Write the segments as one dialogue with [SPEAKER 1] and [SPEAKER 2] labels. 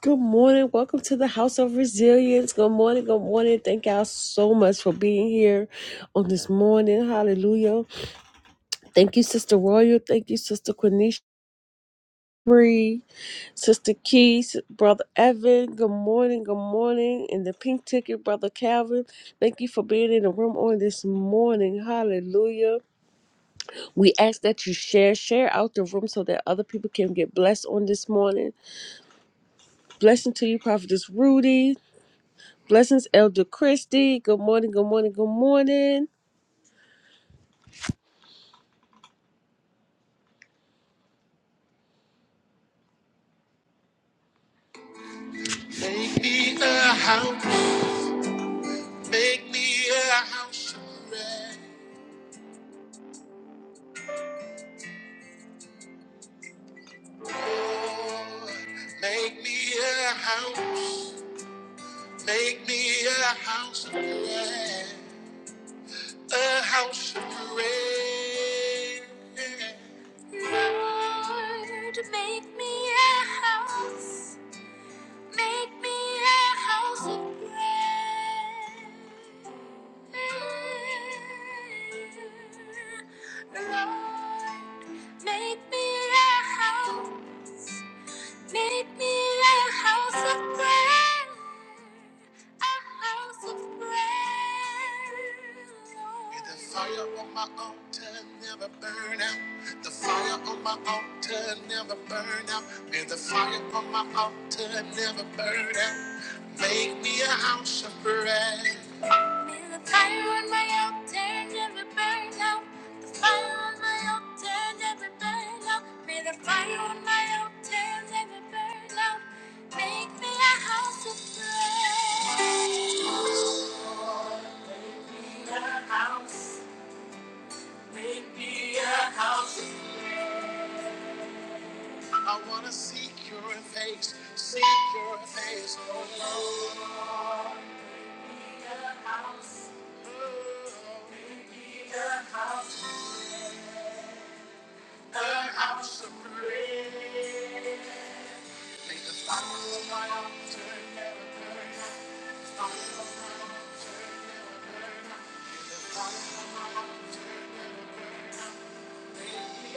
[SPEAKER 1] Good morning. Welcome to the House of Resilience. Good morning. Good morning. Thank y'all so much for being here on this morning. Hallelujah. Thank you, Sister Royal. Thank you, Sister Quenisha Bree, Sister Keys, Brother Evan. Good morning. Good morning. And the pink ticket, Brother Calvin. Thank you for being in the room on this morning. Hallelujah. We ask that you share, share out the room so that other people can get blessed on this morning. Blessing to you, Prophetess Rudy. Blessings, Elder Christie. Good morning, good morning, good morning. Make me a house, make me a house of prayer. Lord, Make me a house, make me a house of prayer. A house of prayer. Lord, make me a house, make me a house of prayer. Lord, make me a house, make me a house of prayer, a house of prayer. May the fire on my altar never burn out. The fire on my altar never burn out. May the fire on my altar never burn out. Make me a house of prayer. Feel the fire on my altar, never burn out. The fire on my altar, never burn out. May the fire on my altar, never burn out. Make me a house of prayer. Make me a house, make me a house. I wanna seek your face, seek your face, oh Lord. Make me a house, oh, make me a house. An the fire on my altar never burn out. Fire on my altar never burn out. May the fire on my altar never burn out. May it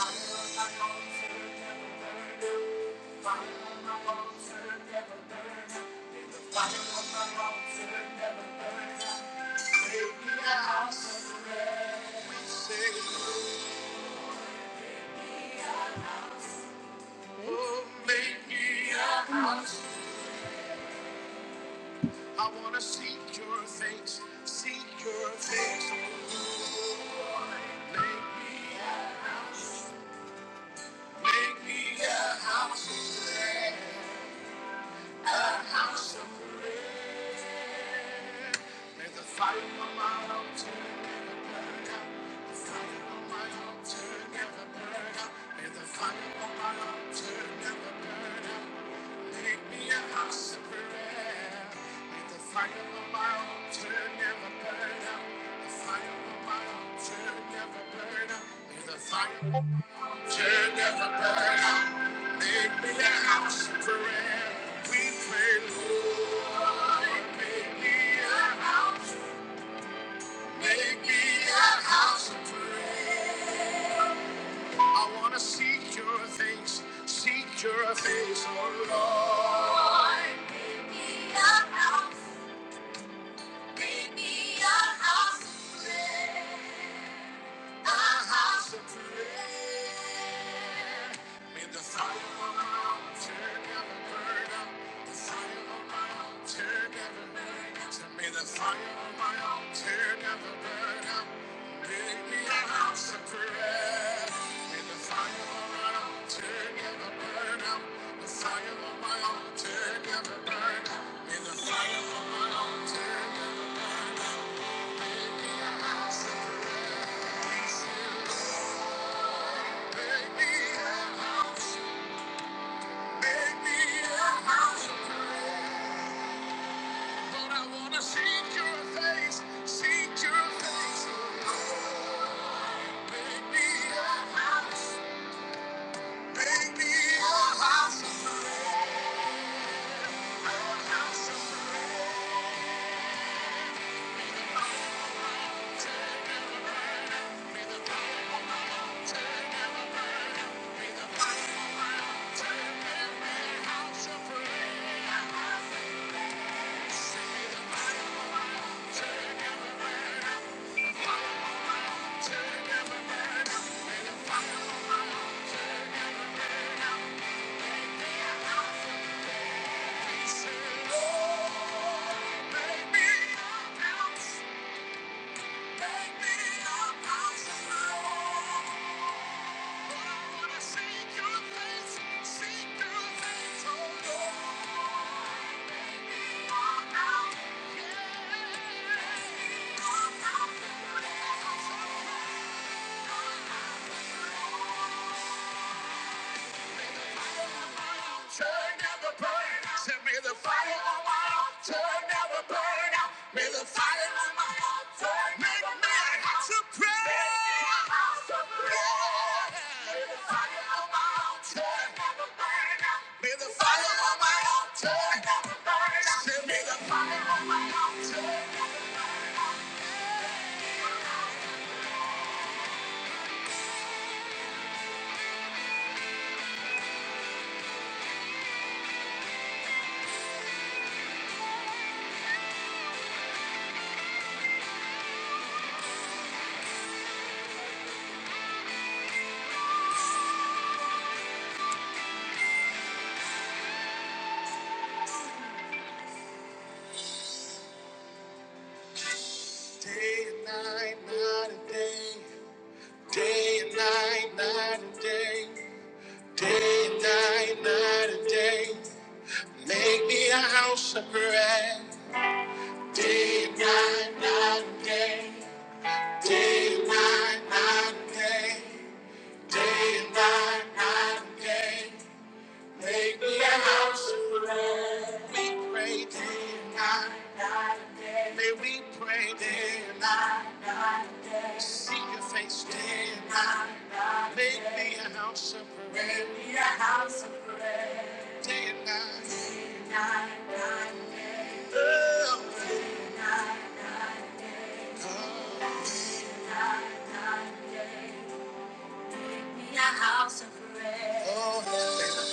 [SPEAKER 1] Fire of my altar never burn out. Fire of my altar never burn out. fire of my altar never burn out. May it be a house of praise. We say. Oh, make me a house. I wanna seek your face, seek your face. Make me a house. Make me a house. Make me a house of prayer. May the fire of my altar never burn out. The fire of my altar never burn out. May the fire of my altar never burn out. Make me a house of prayer. We pray, Lord, make me a house. Make me a house of prayer. I want to seek your face, seek your face, oh Lord. Make me a house. Bring me a house of prayer. A house of prayer. May the fire on my altar never burn out. The fire of my altar never burn So May the fire of my altar never burn out. Make me a house of prayer. May the fire of my altar never burn out. The fire of my altar never burn May the fire of my altar never burn out. Baby, a house of prayer. a house of prayer. Thank you. Yeah. Turn down the burn out. Say, May the fire on my altar never burn out. May the fire on my altar Make me a house of prayer. Make me a house of prayer. May the fire on my altar never burn out. May the fire on my altar never burn out. send me the fire on my altar never burn out. Day and night, night and day. Day and night, night and day. Day and night, night and day, make me a house of prayer. Day and night, night and day, day and night, night and day, day and night, night and day, make me a house of prayer. We pray day and night, may we pray day and night, seek your face day and night, make me a house of prayer. Day and night. oh. oh.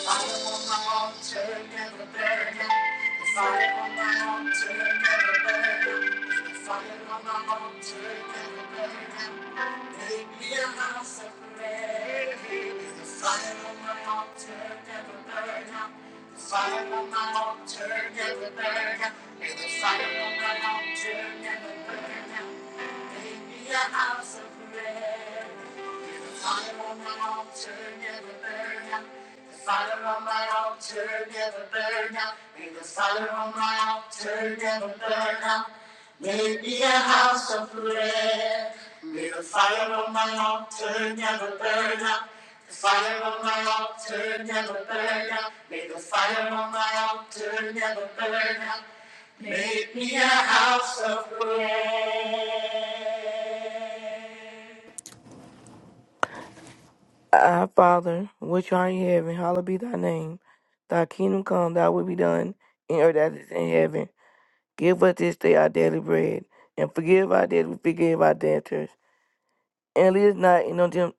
[SPEAKER 1] Fire on my altar, never burn out. The fire on my altar, never burn out. The fire on my altar, never burn out. Make me a house of prayer. The fire on my altar, never burn out. The fire on my altar, never burn out. the fire on me a house of bread. May the fire on my altar never burn out. The fire on my altar never burn out. May the fire on my altar never burn out. May it be a house of prayer. May the fire on my altar never burn out. The fire on my altar never burn out. May the fire on my altar never burn out. Make me a house of prayer.
[SPEAKER 2] Our Father, which art in heaven, hallowed be thy name. Thy kingdom come, thy will be done, in earth as it is in heaven. Give us this day our daily bread, and forgive our debts, we forgive our debtors. And lead us not into temp-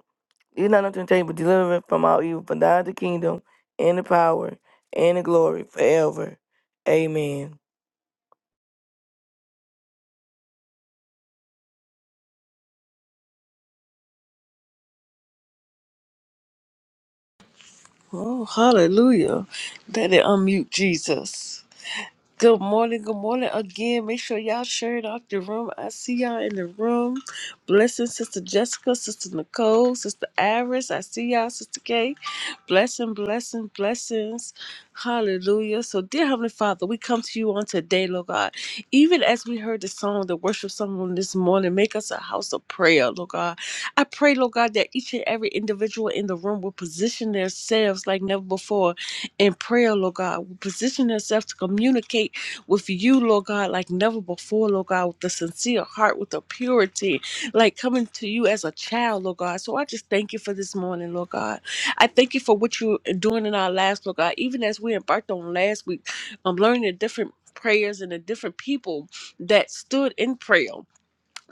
[SPEAKER 2] lead us not into temptation, but deliver us from all evil. For thine is the kingdom, and the power, and the glory, forever. Amen.
[SPEAKER 1] Oh, hallelujah. Let it unmute Jesus. Good morning, good morning again. Make sure y'all share it out the room. I see y'all in the room. Blessing Sister Jessica, Sister Nicole, Sister Iris. I see y'all, Sister Kay. Blessing, blessing, blessings. Hallelujah. So, dear Heavenly Father, we come to you on today, Lord God. Even as we heard the song, the worship song on this morning, make us a house of prayer, Lord God. I pray, Lord God, that each and every individual in the room will position themselves like never before in prayer, Lord God. We position ourselves to communicate with you, Lord God, like never before, Lord God, with a sincere heart, with a purity, like coming to you as a child, Lord God. So I just thank you for this morning, Lord God. I thank you for what you're doing in our lives, Lord God. Even as we embarked on last week, I'm learning the different prayers and the different people that stood in prayer.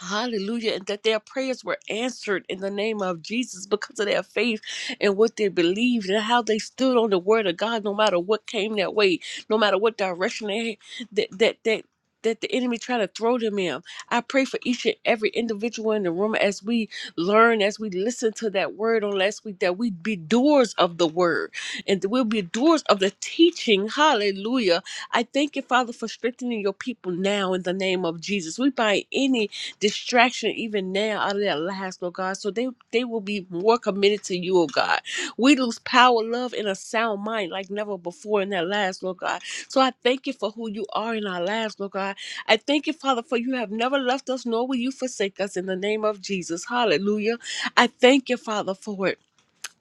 [SPEAKER 1] Hallelujah. And that their prayers were answered in the name of Jesus because of their faith and what they believed and how they stood on the word of God no matter what came their way, no matter what direction they that that that that the enemy try to throw them in. I pray for each and every individual in the room as we learn, as we listen to that word on last week, that we be doers of the word and that we'll be doers of the teaching. Hallelujah. I thank you, Father, for strengthening your people now in the name of Jesus. We bind any distraction even now out of their lives, Lord God. So they, they will be more committed to you, oh God. We lose power, love, and a sound mind like never before in their lives, Lord God. So I thank you for who you are in our lives, Lord God. I thank you, Father, for you have never left us, nor will you forsake us in the name of Jesus. Hallelujah. I thank you, Father, for it.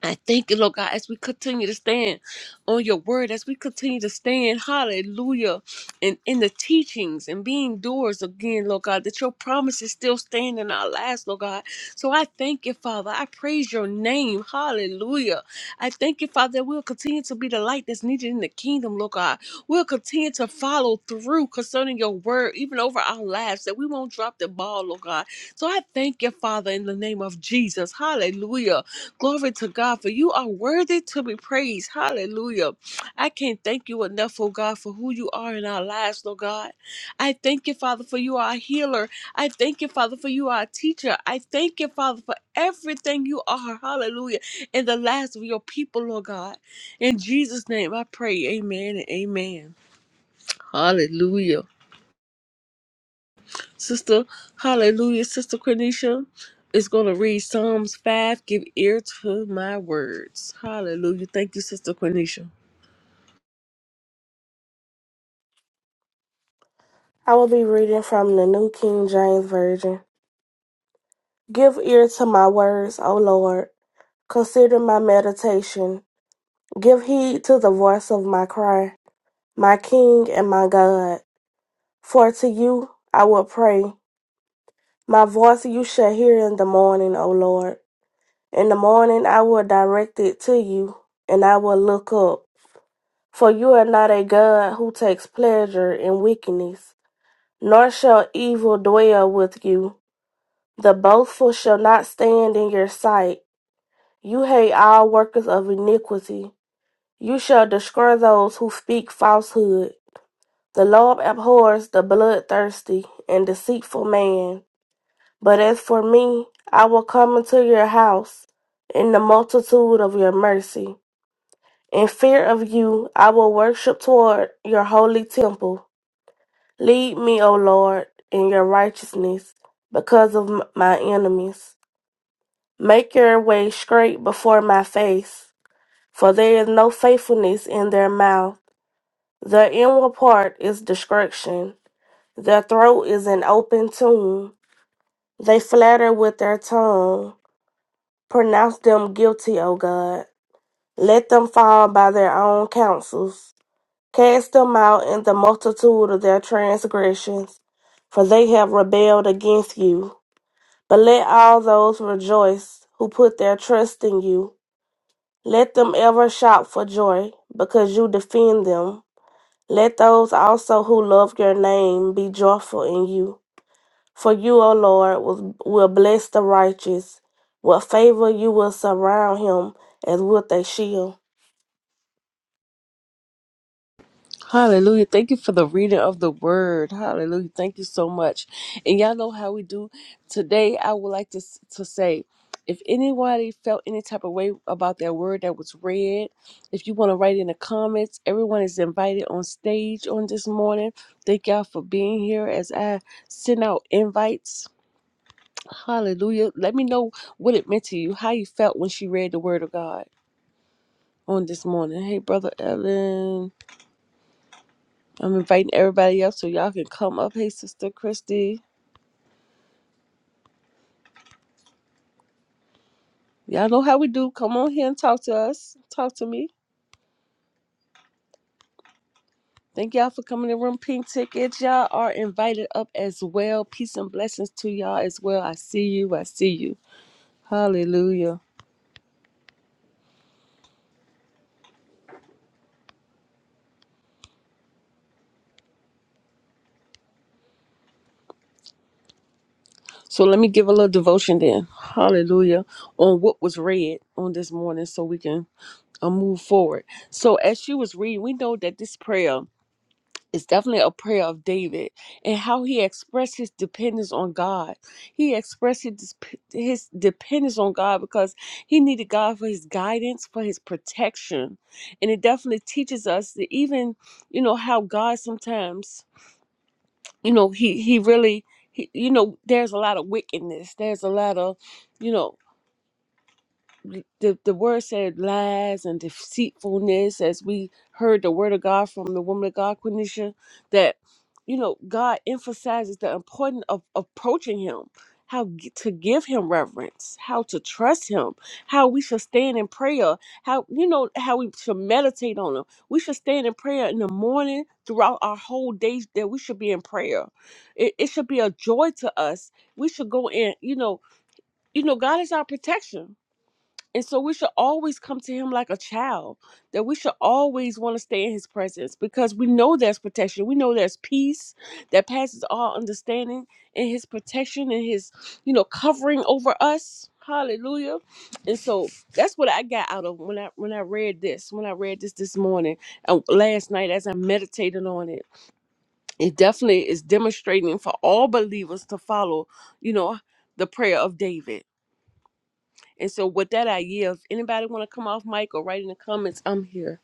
[SPEAKER 1] I thank you, Lord God, as we continue to stand on your word, as we continue to stand, hallelujah, and in the teachings and being doers again, Lord God, that your promises still stand in our lives, Lord God. So I thank you, Father. I praise your name. Hallelujah. I thank you, Father, that we'll continue to be the light that's needed in the kingdom, Lord God. We'll continue to follow through concerning your word, even over our lives, that we won't drop the ball, Lord God. So I thank you, Father, in the name of Jesus. Hallelujah Glory to God, for you are worthy to be praised. Hallelujah. I can't thank you enough, oh God, for who you are in our lives, oh God. I thank you, Father, for you are a healer. I thank you, Father, for you are a teacher. I thank you, Father, for everything you are. Hallelujah. In the lives of your people, Lord God. In Jesus' name I pray. Amen and amen. Hallelujah. Sister, hallelujah, Sister Cornisha is going to read Psalms 5. Give ear to my words. Hallelujah. Thank you, Sister Cornisha.
[SPEAKER 3] I will be reading from the New King James Version. Give ear to my words, O Lord. Consider my meditation. Give heed to the voice of my cry, my King and my God. For to you I will pray. My voice you shall hear in the morning, O Lord. In the morning I will direct it to you, and I will look up. For you are not a God who takes pleasure in wickedness, nor shall evil dwell with you. The boastful shall not stand in your sight. You hate all workers of iniquity. You shall destroy those who speak falsehood. The Lord abhors the bloodthirsty and deceitful man. But as for me, I will come into your house in the multitude of your mercy. In fear of you, I will worship toward your holy temple. Lead me, O Lord, in your righteousness because of my enemies. Make your way straight before my face, for there is no faithfulness in their mouth. Their inward part is destruction, their throat is an open tomb. They flatter with their tongue. Pronounce them guilty, O God. Let them fall by their own counsels. Cast them out in the multitude of their transgressions, for they have rebelled against you. But let all those rejoice who put their trust in you. Let them ever shout for joy, because you defend them. Let those also who love your name be joyful in you. For you, O Lord, will, will bless the righteous. With favor you will surround him as with a shield.
[SPEAKER 1] Hallelujah. Thank you for the reading of the word. Hallelujah. Thank you so much. And y'all know how we do. Today, I would like to, to say if anybody felt any type of way about that word that was read, if you want to write in the comments, everyone is invited on stage on this morning. Thank y'all for being here as I send out invites Hallelujah. Let me know what it meant to you, how you felt when she read the word of God on this morning. Hey, Brother Ellen. I'm inviting everybody up so y'all can come up. Hey, Sister Christy. Y'all know how we do. Come on here and talk to us. Talk to me. Thank y'all for coming to Room Pink Tickets. Y'all are invited up as well. Peace and blessings to y'all as well. I see you. I see you. Hallelujah. So let me give a little devotion then. Hallelujah. On what was read on this morning so we can and move forward. So as she was reading, we know that this prayer is definitely a prayer of David and how he expressed his dependence on God. He expressed his, his dependence on God because he needed God for his guidance, for his protection. And it definitely teaches us that even, you know, how God sometimes, you know, he he really he, you know, there's a lot of wickedness. There's a lot of, you know, the, the word said lies and deceitfulness as we heard the word of god from the woman of god quenisha that you know god emphasizes the importance of approaching him how g- to give him reverence how to trust him how we should stand in prayer how you know how we should meditate on him we should stand in prayer in the morning throughout our whole days that we should be in prayer it, it should be a joy to us we should go in you know you know god is our protection and so we should always come to him like a child, that we should always want to stay in his presence because we know there's protection. We know there's peace that passes all understanding in his protection and his, you know, covering over us. Hallelujah. And so that's what I got out of when I when I read this, when I read this this morning and last night as I meditated on it. It definitely is demonstrating for all believers to follow, you know, the prayer of David and so with that, I yield. If anybody want to come off mic or write in the comments, I'm here.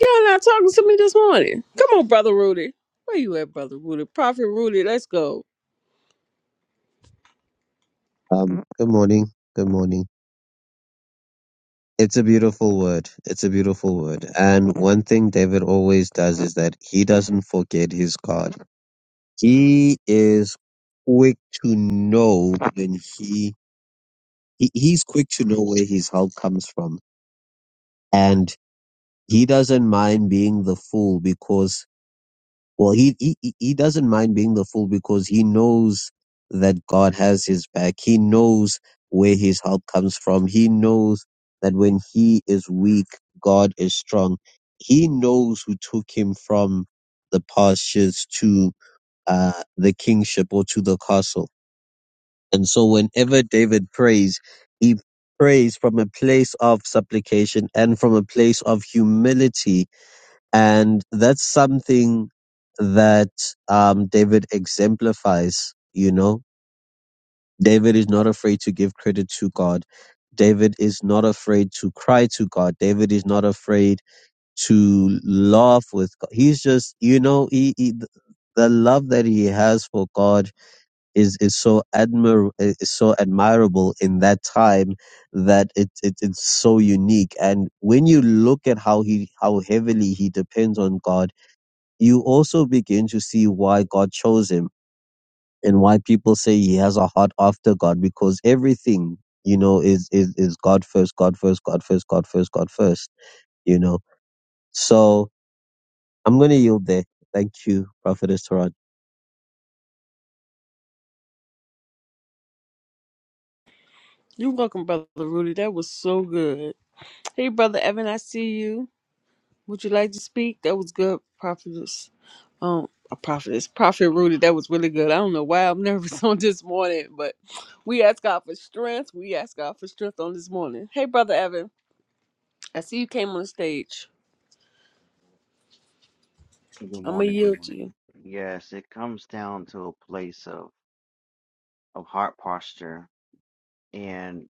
[SPEAKER 1] Y'all not talking to me this morning. Come on, brother Rudy. Where you at, brother Rudy? Prophet Rudy, let's go.
[SPEAKER 4] Um, good morning. Good morning. It's a beautiful word. It's a beautiful word. And one thing David always does is that he doesn't forget his God. He is quick to know when he, he he's quick to know where his help comes from. And he doesn't mind being the fool because Well, he, he he he doesn't mind being the fool because he knows that God has his back. He knows where his help comes from. He knows that when he is weak, God is strong. He knows who took him from the pastures to uh, the kingship or to the castle. And so, whenever David prays, he prays from a place of supplication and from a place of humility and that's something that um, David exemplifies. You know, David is not afraid to give credit to God. David is not afraid to cry to God. David is not afraid to laugh with God. He's just, you know, he, he the love that he has for God is is so admir is so admirable in that time that it, it it's so unique. And when you look at how he how heavily he depends on God you also begin to see why God chose him and why people say he has a heart after God because everything, you know, is, is, is God first, God first, God first, God first, God first, you know. So I'm going to yield there. Thank you, Prophetess Torah.
[SPEAKER 1] You're welcome, brother Rudy. That was so good. Hey, brother Evan, I see you. Would you like to speak? That was good, prophetess. Um, a prophetess, prophet Rudy. That was really good. I don't know why I'm nervous on this morning, but we ask God for strength. We ask God for strength on this morning. Hey, brother Evan, I see you came on the stage.
[SPEAKER 5] Good
[SPEAKER 1] I'm gonna
[SPEAKER 5] morning, good
[SPEAKER 1] yield to
[SPEAKER 5] morning.
[SPEAKER 1] you.
[SPEAKER 5] Yes, it comes down to a place of of heart posture and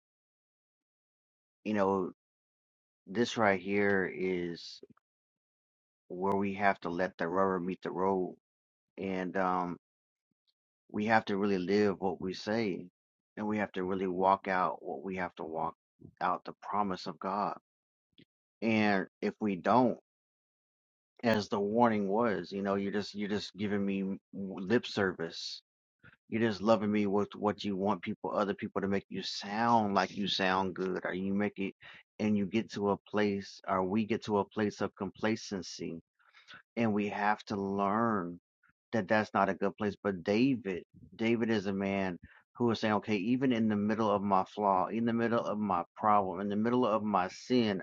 [SPEAKER 5] you know this right here is where we have to let the rubber meet the road and um we have to really live what we say and we have to really walk out what we have to walk out the promise of God. And if we don't as the warning was, you know, you're just you're just giving me lip service You're just loving me with what you want people, other people to make you sound like you sound good, or you make it, and you get to a place, or we get to a place of complacency, and we have to learn that that's not a good place. But David, David is a man who is saying, okay, even in the middle of my flaw, in the middle of my problem, in the middle of my sin,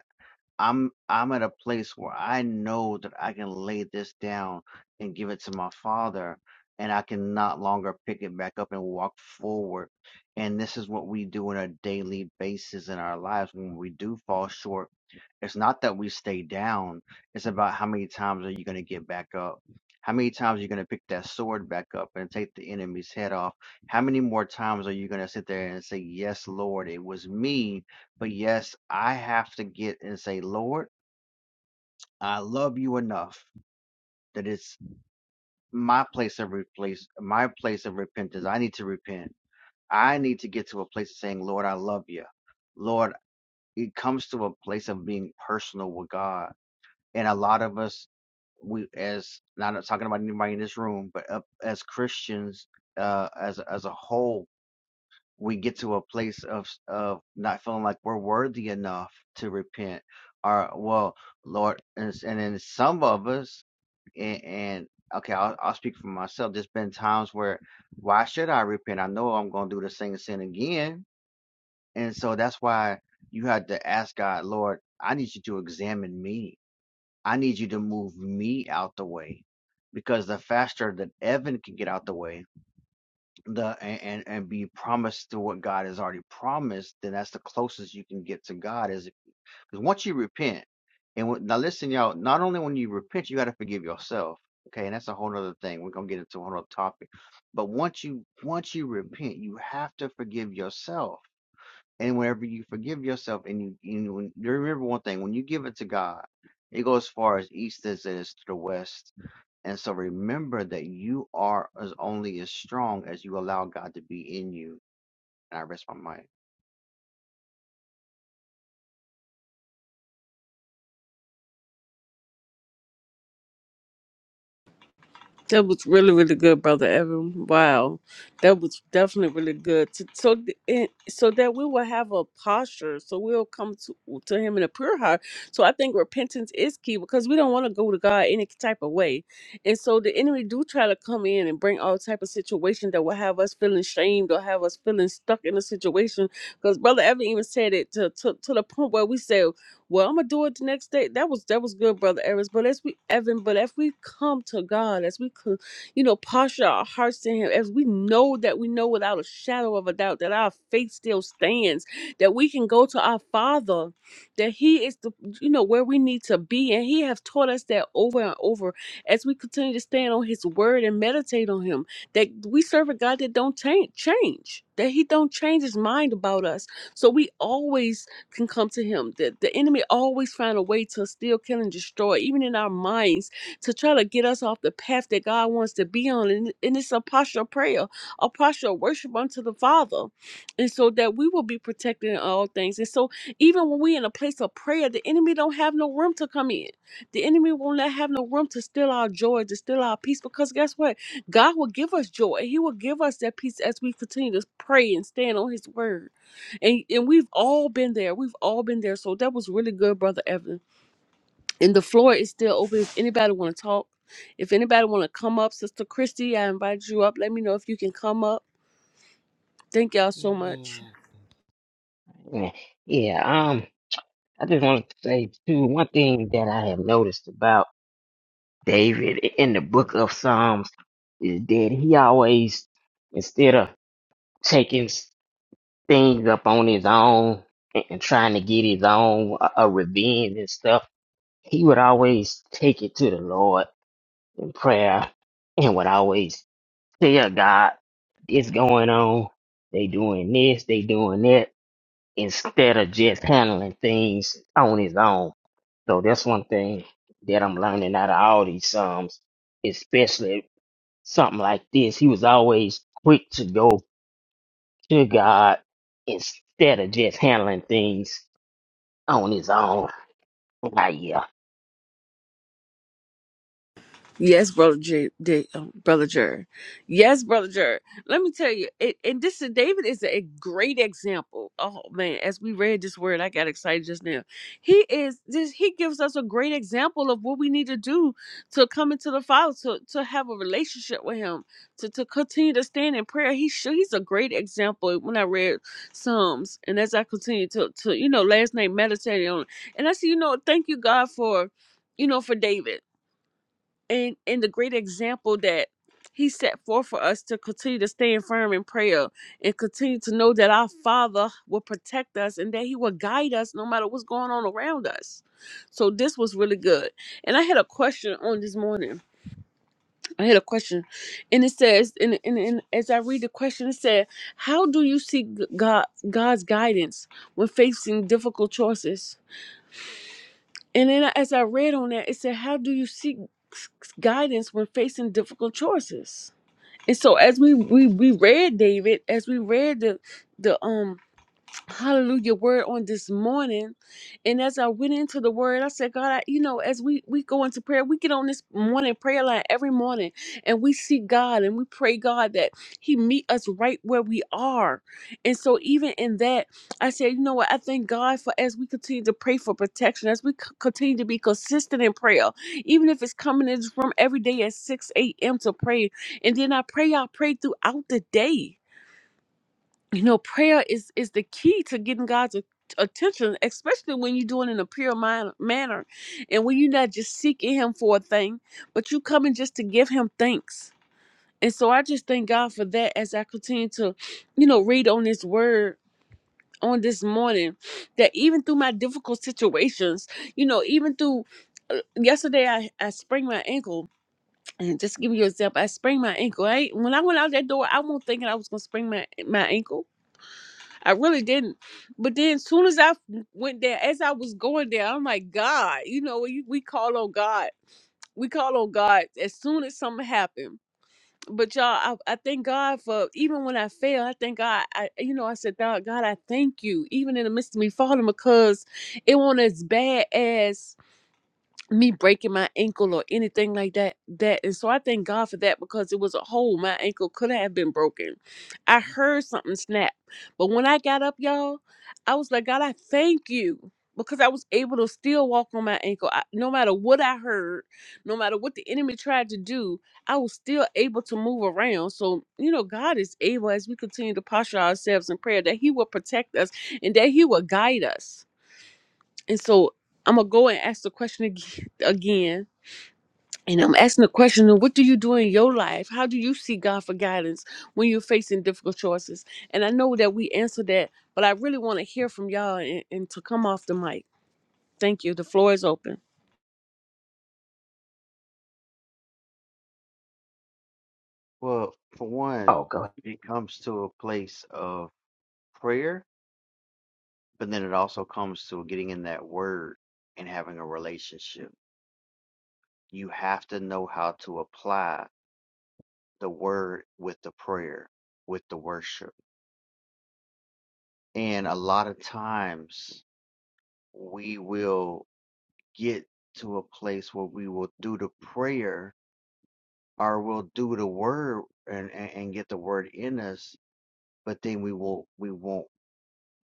[SPEAKER 5] I'm I'm at a place where I know that I can lay this down and give it to my father and I can not longer pick it back up and walk forward. And this is what we do on a daily basis in our lives when we do fall short. It's not that we stay down. It's about how many times are you going to get back up? How many times are you going to pick that sword back up and take the enemy's head off? How many more times are you going to sit there and say, Yes, Lord, it was me but yes, I have to get and say, Lord, I love you enough that it's my place of replace, my place of repentance. I need to repent. I need to get to a place of saying, Lord, I love you. Lord, it comes to a place of being personal with God. And a lot of us, we as not talking about anybody in this room, but uh, as Christians, uh, as as a whole, we get to a place of of not feeling like we're worthy enough to repent or well lord and, s- and then some of us and, and okay I'll, I'll speak for myself there's been times where why should i repent i know i'm going to do the same sin again and so that's why you had to ask god lord i need you to examine me i need you to move me out the way because the faster that evan can get out the way the and, and and be promised to what God has already promised, then that's the closest you can get to God. Is because once you repent, and when, now listen, y'all. Not only when you repent, you got to forgive yourself. Okay, and that's a whole other thing. We're gonna get into a whole other topic. But once you once you repent, you have to forgive yourself. And whenever you forgive yourself, and you you, know, you remember one thing, when you give it to God, it goes as far as east as it is to the west and so remember that you are as only as strong as you allow God to be in you. And I rest my mind.
[SPEAKER 1] That was really, really good, brother Evan. Wow, that was definitely really good. So, so, th- and- so that we will have a posture, so we'll come to, to Him in a pure heart. So, I think repentance is key because we don't want to go to God any type of way, and so the enemy do try to come in and bring all type of situation that will have us feeling shamed or have us feeling stuck in a situation. Because brother Evan even said it to to, to the point where we said. Well, I'm gonna do it the next day. That was that was good, brother Eris. But as we Evan, but if we come to God, as we could, you know, posture our hearts to Him, as we know that we know without a shadow of a doubt that our faith still stands, that we can go to our Father, that He is the you know where we need to be, and He has taught us that over and over. As we continue to stand on His Word and meditate on Him, that we serve a God that don't change, change, that He don't change His mind about us. So we always can come to him. The, the enemy always find a way to steal, kill, and destroy, even in our minds, to try to get us off the path that God wants to be on. And, and it's a posture of prayer, a posture of worship unto the Father. And so that we will be protected in all things. And so even when we are in a place of prayer, the enemy don't have no room to come in. The enemy will not have no room to steal our joy, to steal our peace, because guess what? God will give us joy. He will give us that peace as we continue to pray and stand on his word and and we've all been there. We've all been there. So that was really good, brother Evan. And the floor is still open if anybody want to talk. If anybody want to come up, Sister Christy, I invite you up. Let me know if you can come up. Thank y'all so much.
[SPEAKER 6] Mm, Yeah, yeah, um, I just wanted to say too, one thing that I have noticed about David in the book of Psalms is that he always, instead of taking s- things up on his own and, and trying to get his own uh, uh, revenge and stuff, he would always take it to the Lord in prayer and would always tell God, this going on, they doing this, they doing that. instead of just handling things on his own. So that's one thing that I'm learning out of all these psalms, especially something like this. He was always quick to go to God instead of just handling things on his own. Ah, yeah.
[SPEAKER 1] Yes, brother Jer. um, brother Jer. Yes, brother Jer. Let me tell you, it, and this is David is a great example. Oh man, as we read this word, I got excited just now. He is this. He gives us a great example of what we need to do to come into the Father, to to have a relationship with Him, to to continue to stand in prayer. He sure he's a great example. When I read Psalms, and as I continue to to you know last night meditating on, it, and I see you know thank you God for you know for David and and the great example that he set forth for us to continue to stand firm in prayer and continue to know that our father will protect us and that he will guide us no matter what's going on around us so this was really good and i had a question on this morning i had a question and it says and, and, and as i read the question it said how do you seek god god's guidance when facing difficult choices and then as I read on that, it said, How do you seek guidance when facing difficult choices? And so as we, we, we read David, as we read the the um hallelujah word on this morning and as i went into the word i said god I, you know as we we go into prayer we get on this morning prayer line every morning and we seek god and we pray god that he meet us right where we are and so even in that i said you know what i thank god for as we continue to pray for protection as we c- continue to be consistent in prayer even if it's coming in from every day at 6 a.m to pray and then i pray i pray throughout the day you know prayer is is the key to getting god's a- attention especially when you're doing it in a pure min- manner and when you're not just seeking him for a thing but you coming just to give him thanks and so i just thank god for that as i continue to you know read on His word on this morning that even through my difficult situations you know even through uh, yesterday i i sprained my ankle and just to give you an example i sprained my ankle i when i went out that door i wasn't thinking i was gonna sprain my my ankle I really didn't. But then, soon as I went there, as I was going there, I'm like, God, you know, we, we call on God. We call on God as soon as something happened. But y'all, I, I thank God for even when I fail, I thank God. I, you know, I said, God, God, I thank you, even in the midst of me falling, because it wasn't as bad as me breaking my ankle or anything like that that and so i thank god for that because it was a hole my ankle could have been broken i heard something snap but when i got up y'all i was like god i thank you because i was able to still walk on my ankle I, no matter what i heard no matter what the enemy tried to do i was still able to move around so you know god is able as we continue to posture ourselves in prayer that he will protect us and that he will guide us and so I'm gonna go and ask the question ag- again. And I'm asking the question of what do you do in your life? How do you see God for guidance when you're facing difficult choices? And I know that we answered that, but I really want to hear from y'all and, and to come off the mic. Thank you. The floor is open.
[SPEAKER 5] Well, for one,
[SPEAKER 6] Oh, God.
[SPEAKER 5] it comes to a place of prayer, but then it also comes to getting in that word and having a relationship. You have to know how to apply the word with the prayer, with the worship. And a lot of times we will get to a place where we will do the prayer or we'll do the word and, and, and get the word in us, but then we will we won't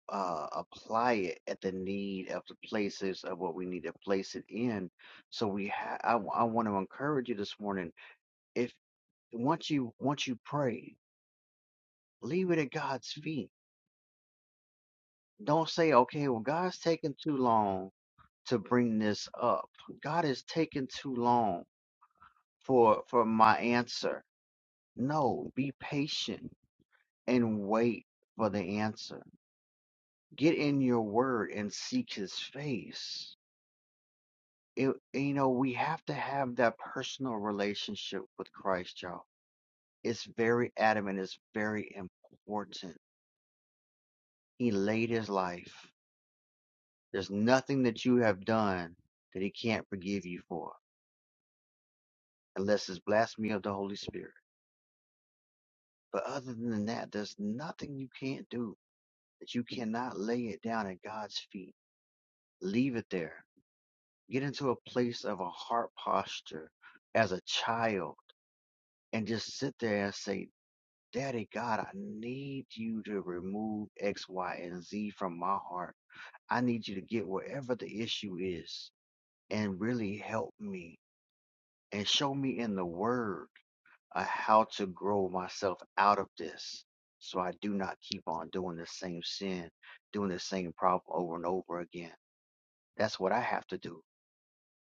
[SPEAKER 5] uh, apply it at the need of the places of what we need to place it in. So we ha- I, I want to encourage you this morning. If once you once you pray, leave it at God's feet. Don't say, okay, well God's taking too long to bring this up. God is taking too long for for my answer. No, be patient and wait for the answer. Get in your word and seek his face. It, you know, we have to have that personal relationship with Christ, y'all. It's very adamant, it's very important. He laid his life. There's nothing that you have done that he can't forgive you for, unless it's blasphemy of the Holy Spirit. But other than that, there's nothing you can't do that you cannot lay it down at God's feet. Leave it there Get into a place of a heart posture as a child and just sit there and say, Daddy God, I need you to remove X, Y, and Z from my heart. I need you to get wherever the issue is and really help me and show me in the word uh, how to grow myself out of this so I do not keep on doing the same sin, doing the same problem over and over again. That's what I have to do.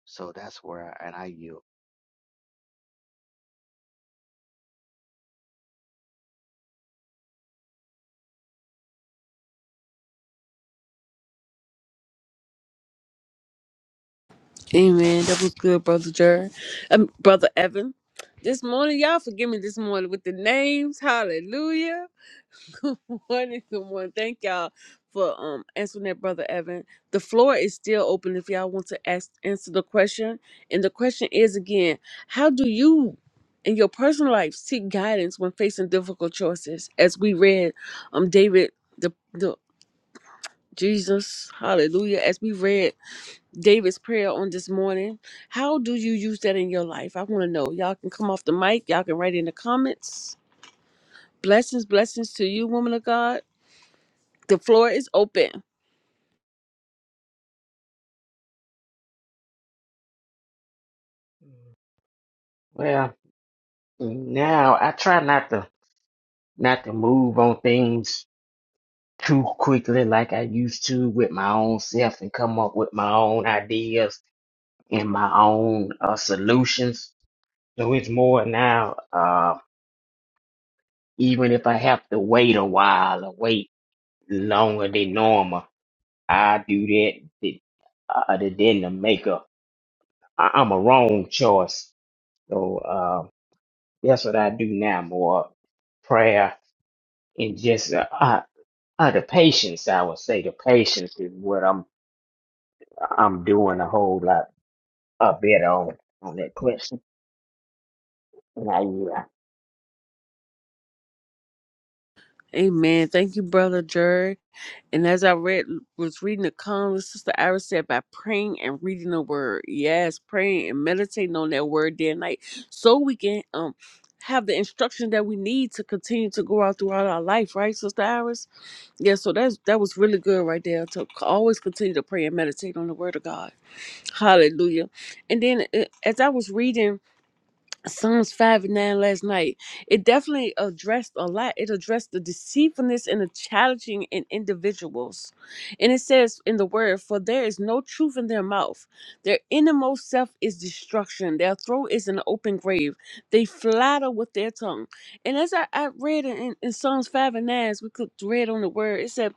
[SPEAKER 5] So that's where I, and I yield.
[SPEAKER 1] Amen. That was good, brother Jared. Um, brother Evan. This morning, y'all forgive me this morning with the names. Hallelujah. Good morning. Good morning. Thank y'all for um answering that, brother Evan. The floor is still open if y'all want to ask answer the question. And the question is again, how do you in your personal life seek guidance when facing difficult choices? As we read um David the the Jesus, hallelujah. As we read David's prayer on this morning, how do you use that in your life? I want to know. Y'all can come off the mic. Y'all can write in the comments. Blessings, blessings to you, woman of God. The floor is open.
[SPEAKER 6] Well, now I try not to not to move on things too quickly like I used to with my own self and come up with my own ideas in my own uh, solutions. So it's more now, uh, even if I have to wait a while or wait longer than normal, I do that th- other than to make a, I, I'm a wrong choice. So uh, that's what I do now more prayer and just uh, uh, uh, the patience, I would say the patience is what I'm I'm doing a whole lot uh, better on, on that question. And I, yeah.
[SPEAKER 1] Amen. Thank you, Brother Jerry. And as I read, was reading the comments, Sister Iris said, by praying and reading the word. Yes, praying and meditating on that word day and night so we can um have the instruction that we need to continue to go out throughout our life, right, Sister Iris? Yeah, so that's that was really good right there to c- always continue to pray and meditate on the word of God. Hallelujah. And then uh, as I was reading Psalms 5 and 9 last night. It definitely addressed a lot. It addressed the deceitfulness and the challenging in individuals. And it says in the word, For there is no truth in their mouth. Their innermost self is destruction. Their throat is an open grave. They flatter with their tongue. And as I, I read in, in Psalms 5 and 9, as we could read on the word, it said,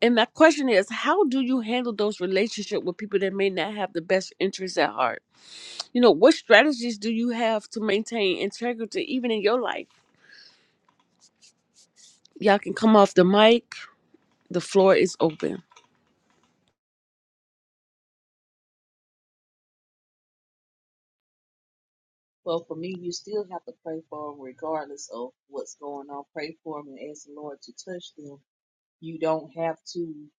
[SPEAKER 1] And my question is, how do you handle those relationships with people that may not have the best interests at heart? You know, what strategies do you have to maintain integrity even in your life? Y'all can come off the mic. The floor is open.
[SPEAKER 7] Well, for me, you still have to pray for them regardless of what's going on. Pray for them and ask the Lord to touch them. You don't have to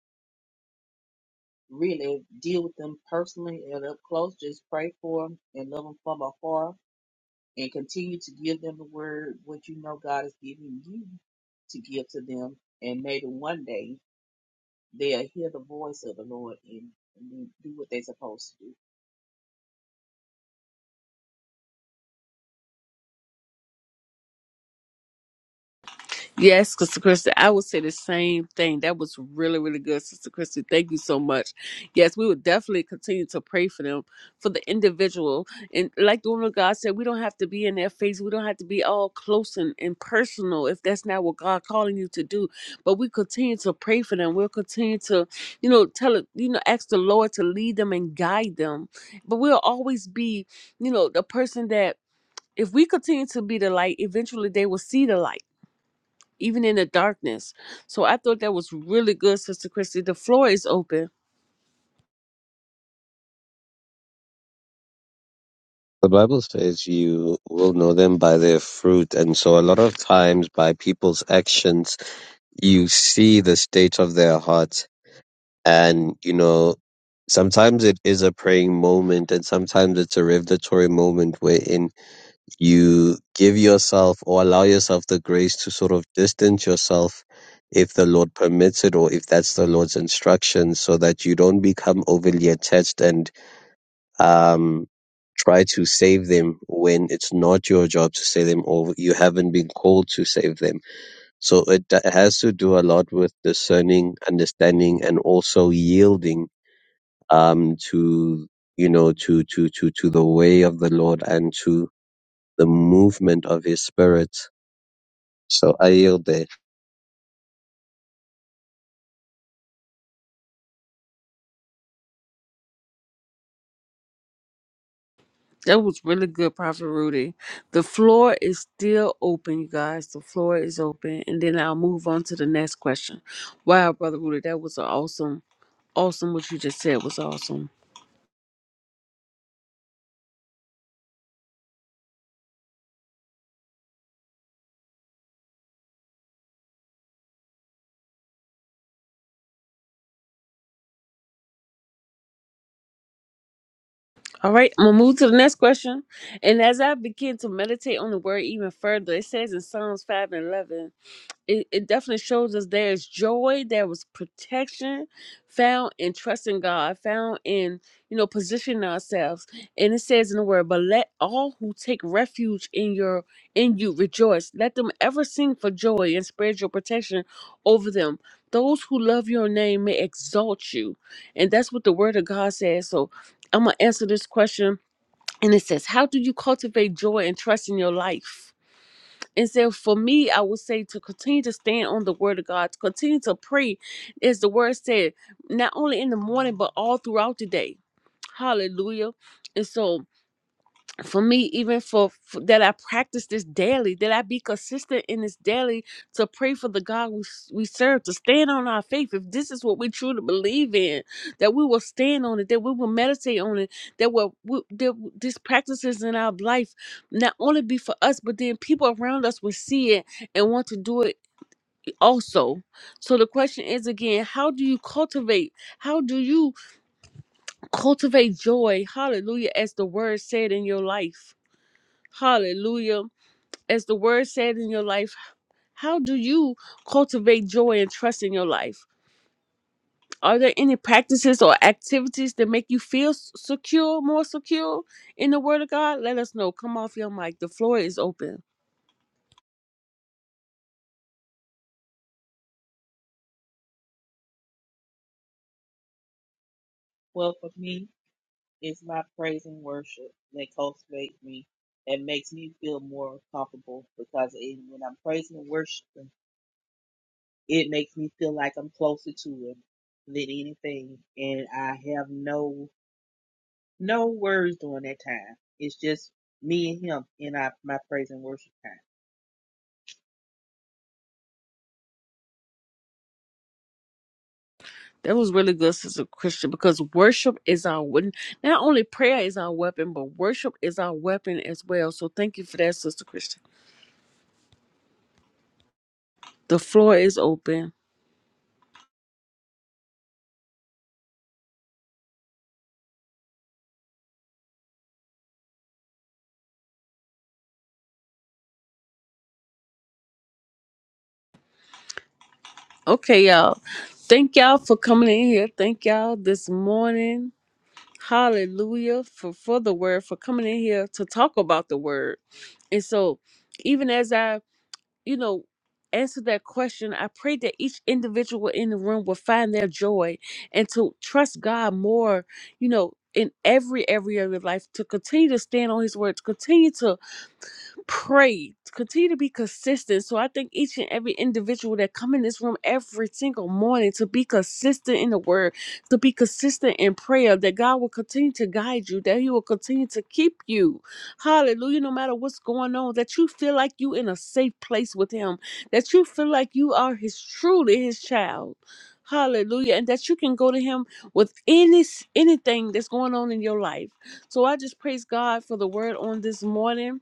[SPEAKER 7] really deal with them personally and up close. Just pray for them and love them from afar and continue to give them the word, what you know God is giving you to give to them. And maybe one day they'll hear the voice of the Lord and and do do what they're supposed to do.
[SPEAKER 1] Yes, Sister Christy, I would say the same thing. That was really, really good, Sister Christy. Thank you so much. Yes, we would definitely continue to pray for them, for the individual. And like the woman of God said, we don't have to be in their face. We don't have to be all close and, and personal if that's not what God calling you to do. But we continue to pray for them. We'll continue to, you know, tell it, you know, ask the Lord to lead them and guide them. But we'll always be, you know, the person that if we continue to be the light, eventually they will see the light even in the darkness. So I thought that was really good, Sister Christy. The floor is open.
[SPEAKER 4] The Bible says you will know them by their fruit. And so a lot of times by people's actions, you see the state of their heart and you know sometimes it is a praying moment and sometimes it's a revelatory moment wherein you give yourself or allow yourself the grace to sort of distance yourself if the lord permits it or if that's the lord's instruction so that you don't become overly attached and um try to save them when it's not your job to save them or you haven't been called to save them so it d- has to do a lot with discerning understanding and also yielding um, to you know to to to to the way of the Lord and to the movement of His Spirit. So I yield there.
[SPEAKER 1] That was really good, Prophet Rudy. The floor is still open, you guys. The floor is open. And then I'll move on to the next question. Wow, Brother Rudy, that was awesome. Awesome, what you just said was awesome. All right, I'm gonna move to the next question. And as I begin to meditate on the word even further, it says in Psalms 5 and 11 it, it definitely shows us there is joy, there was protection found in trusting God, found in, you know, positioning ourselves. And it says in the word, but let all who take refuge in your in you rejoice. Let them ever sing for joy and spread your protection over them. Those who love your name may exalt you. And that's what the word of God says. So I'm gonna answer this question. And it says, How do you cultivate joy and trust in your life? And so for me, I would say to continue to stand on the word of God, to continue to pray, as the word said, not only in the morning, but all throughout the day. Hallelujah. And so for me even for, for that i practice this daily that i be consistent in this daily to pray for the god we, s- we serve to stand on our faith if this is what we truly believe in that we will stand on it that we will meditate on it that will we, that these practices in our life not only be for us but then people around us will see it and want to do it also so the question is again how do you cultivate how do you cultivate joy hallelujah as the word said in your life Hallelujah. As the word said in your life, how do you cultivate joy and trust in your life? Are there any practices or activities that make you feel s- secure, more secure in the word of God? Let us know. Come off your mic. The floor is open.
[SPEAKER 7] Well, for me, It's my praise and worship that cultivates me and makes me feel more comfortable because it, when I'm praising and worshiping, it makes me feel like I'm closer to Him than anything. And I have no no words during that time. It's just me and Him in our, my praise and worship time.
[SPEAKER 1] That was really good, Sister Christian, because worship is our weapon. Not only prayer is our weapon, but worship is our weapon as well. So thank you for that, Sister Christian. The floor is open. Okay, y'all. Thank y'all for coming in here. Thank y'all this morning. Hallelujah for, for the word, for coming in here to talk about the word. And so, even as I, you know, answer that question, I pray that each individual in the room will find their joy and to trust God more, you know, in every area of your life, to continue to stand on His word, to continue to Pray. Continue to be consistent. So I think each and every individual that come in this room every single morning to be consistent in the word, to be consistent in prayer, that God will continue to guide you, that He will continue to keep you. Hallelujah. No matter what's going on, that you feel like you in a safe place with Him, that you feel like you are His truly His child. Hallelujah. And that you can go to Him with any anything that's going on in your life. So I just praise God for the word on this morning.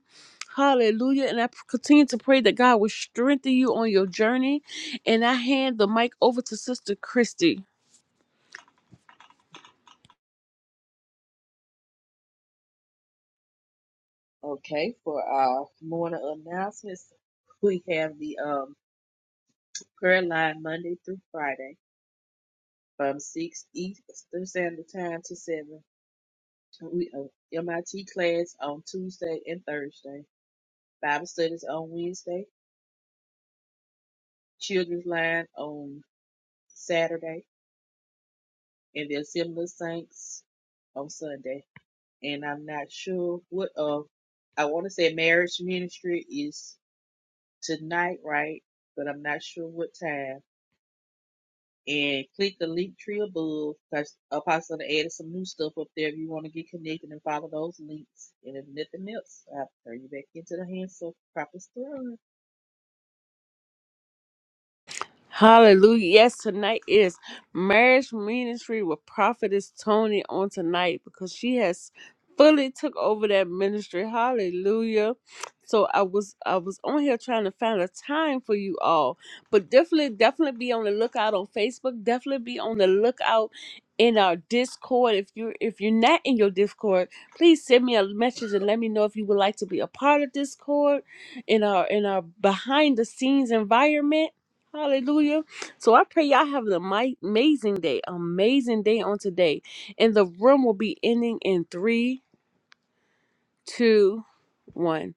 [SPEAKER 1] Hallelujah. And I p- continue to pray that God will strengthen you on your journey. And I hand the mic over to Sister Christy.
[SPEAKER 7] Okay, for our morning announcements, we have the um, prayer line Monday through Friday from 6 Eastern Standard Time to 7 We uh, MIT class on Tuesday and Thursday. Bible studies on Wednesday. Children's line on Saturday, and the Assembly of Saints on Sunday. And I'm not sure what of. I want to say marriage ministry is tonight, right? But I'm not sure what time. And click the link tree above because Apostle done added some new stuff up there. If you want to get connected and follow those links, and if nothing else, I'll turn you back into the hands of Prophet Throne.
[SPEAKER 1] Hallelujah. Yes, tonight is marriage ministry with prophetess Tony on tonight because she has fully took over that ministry. Hallelujah. So I was I was on here trying to find a time for you all. But definitely, definitely be on the lookout on Facebook. Definitely be on the lookout in our Discord. If you're if you're not in your Discord, please send me a message and let me know if you would like to be a part of Discord in our in our behind the scenes environment Hallelujah. So I pray y'all have an ami- amazing day, amazing day on today. And the room will be ending in three, two, one.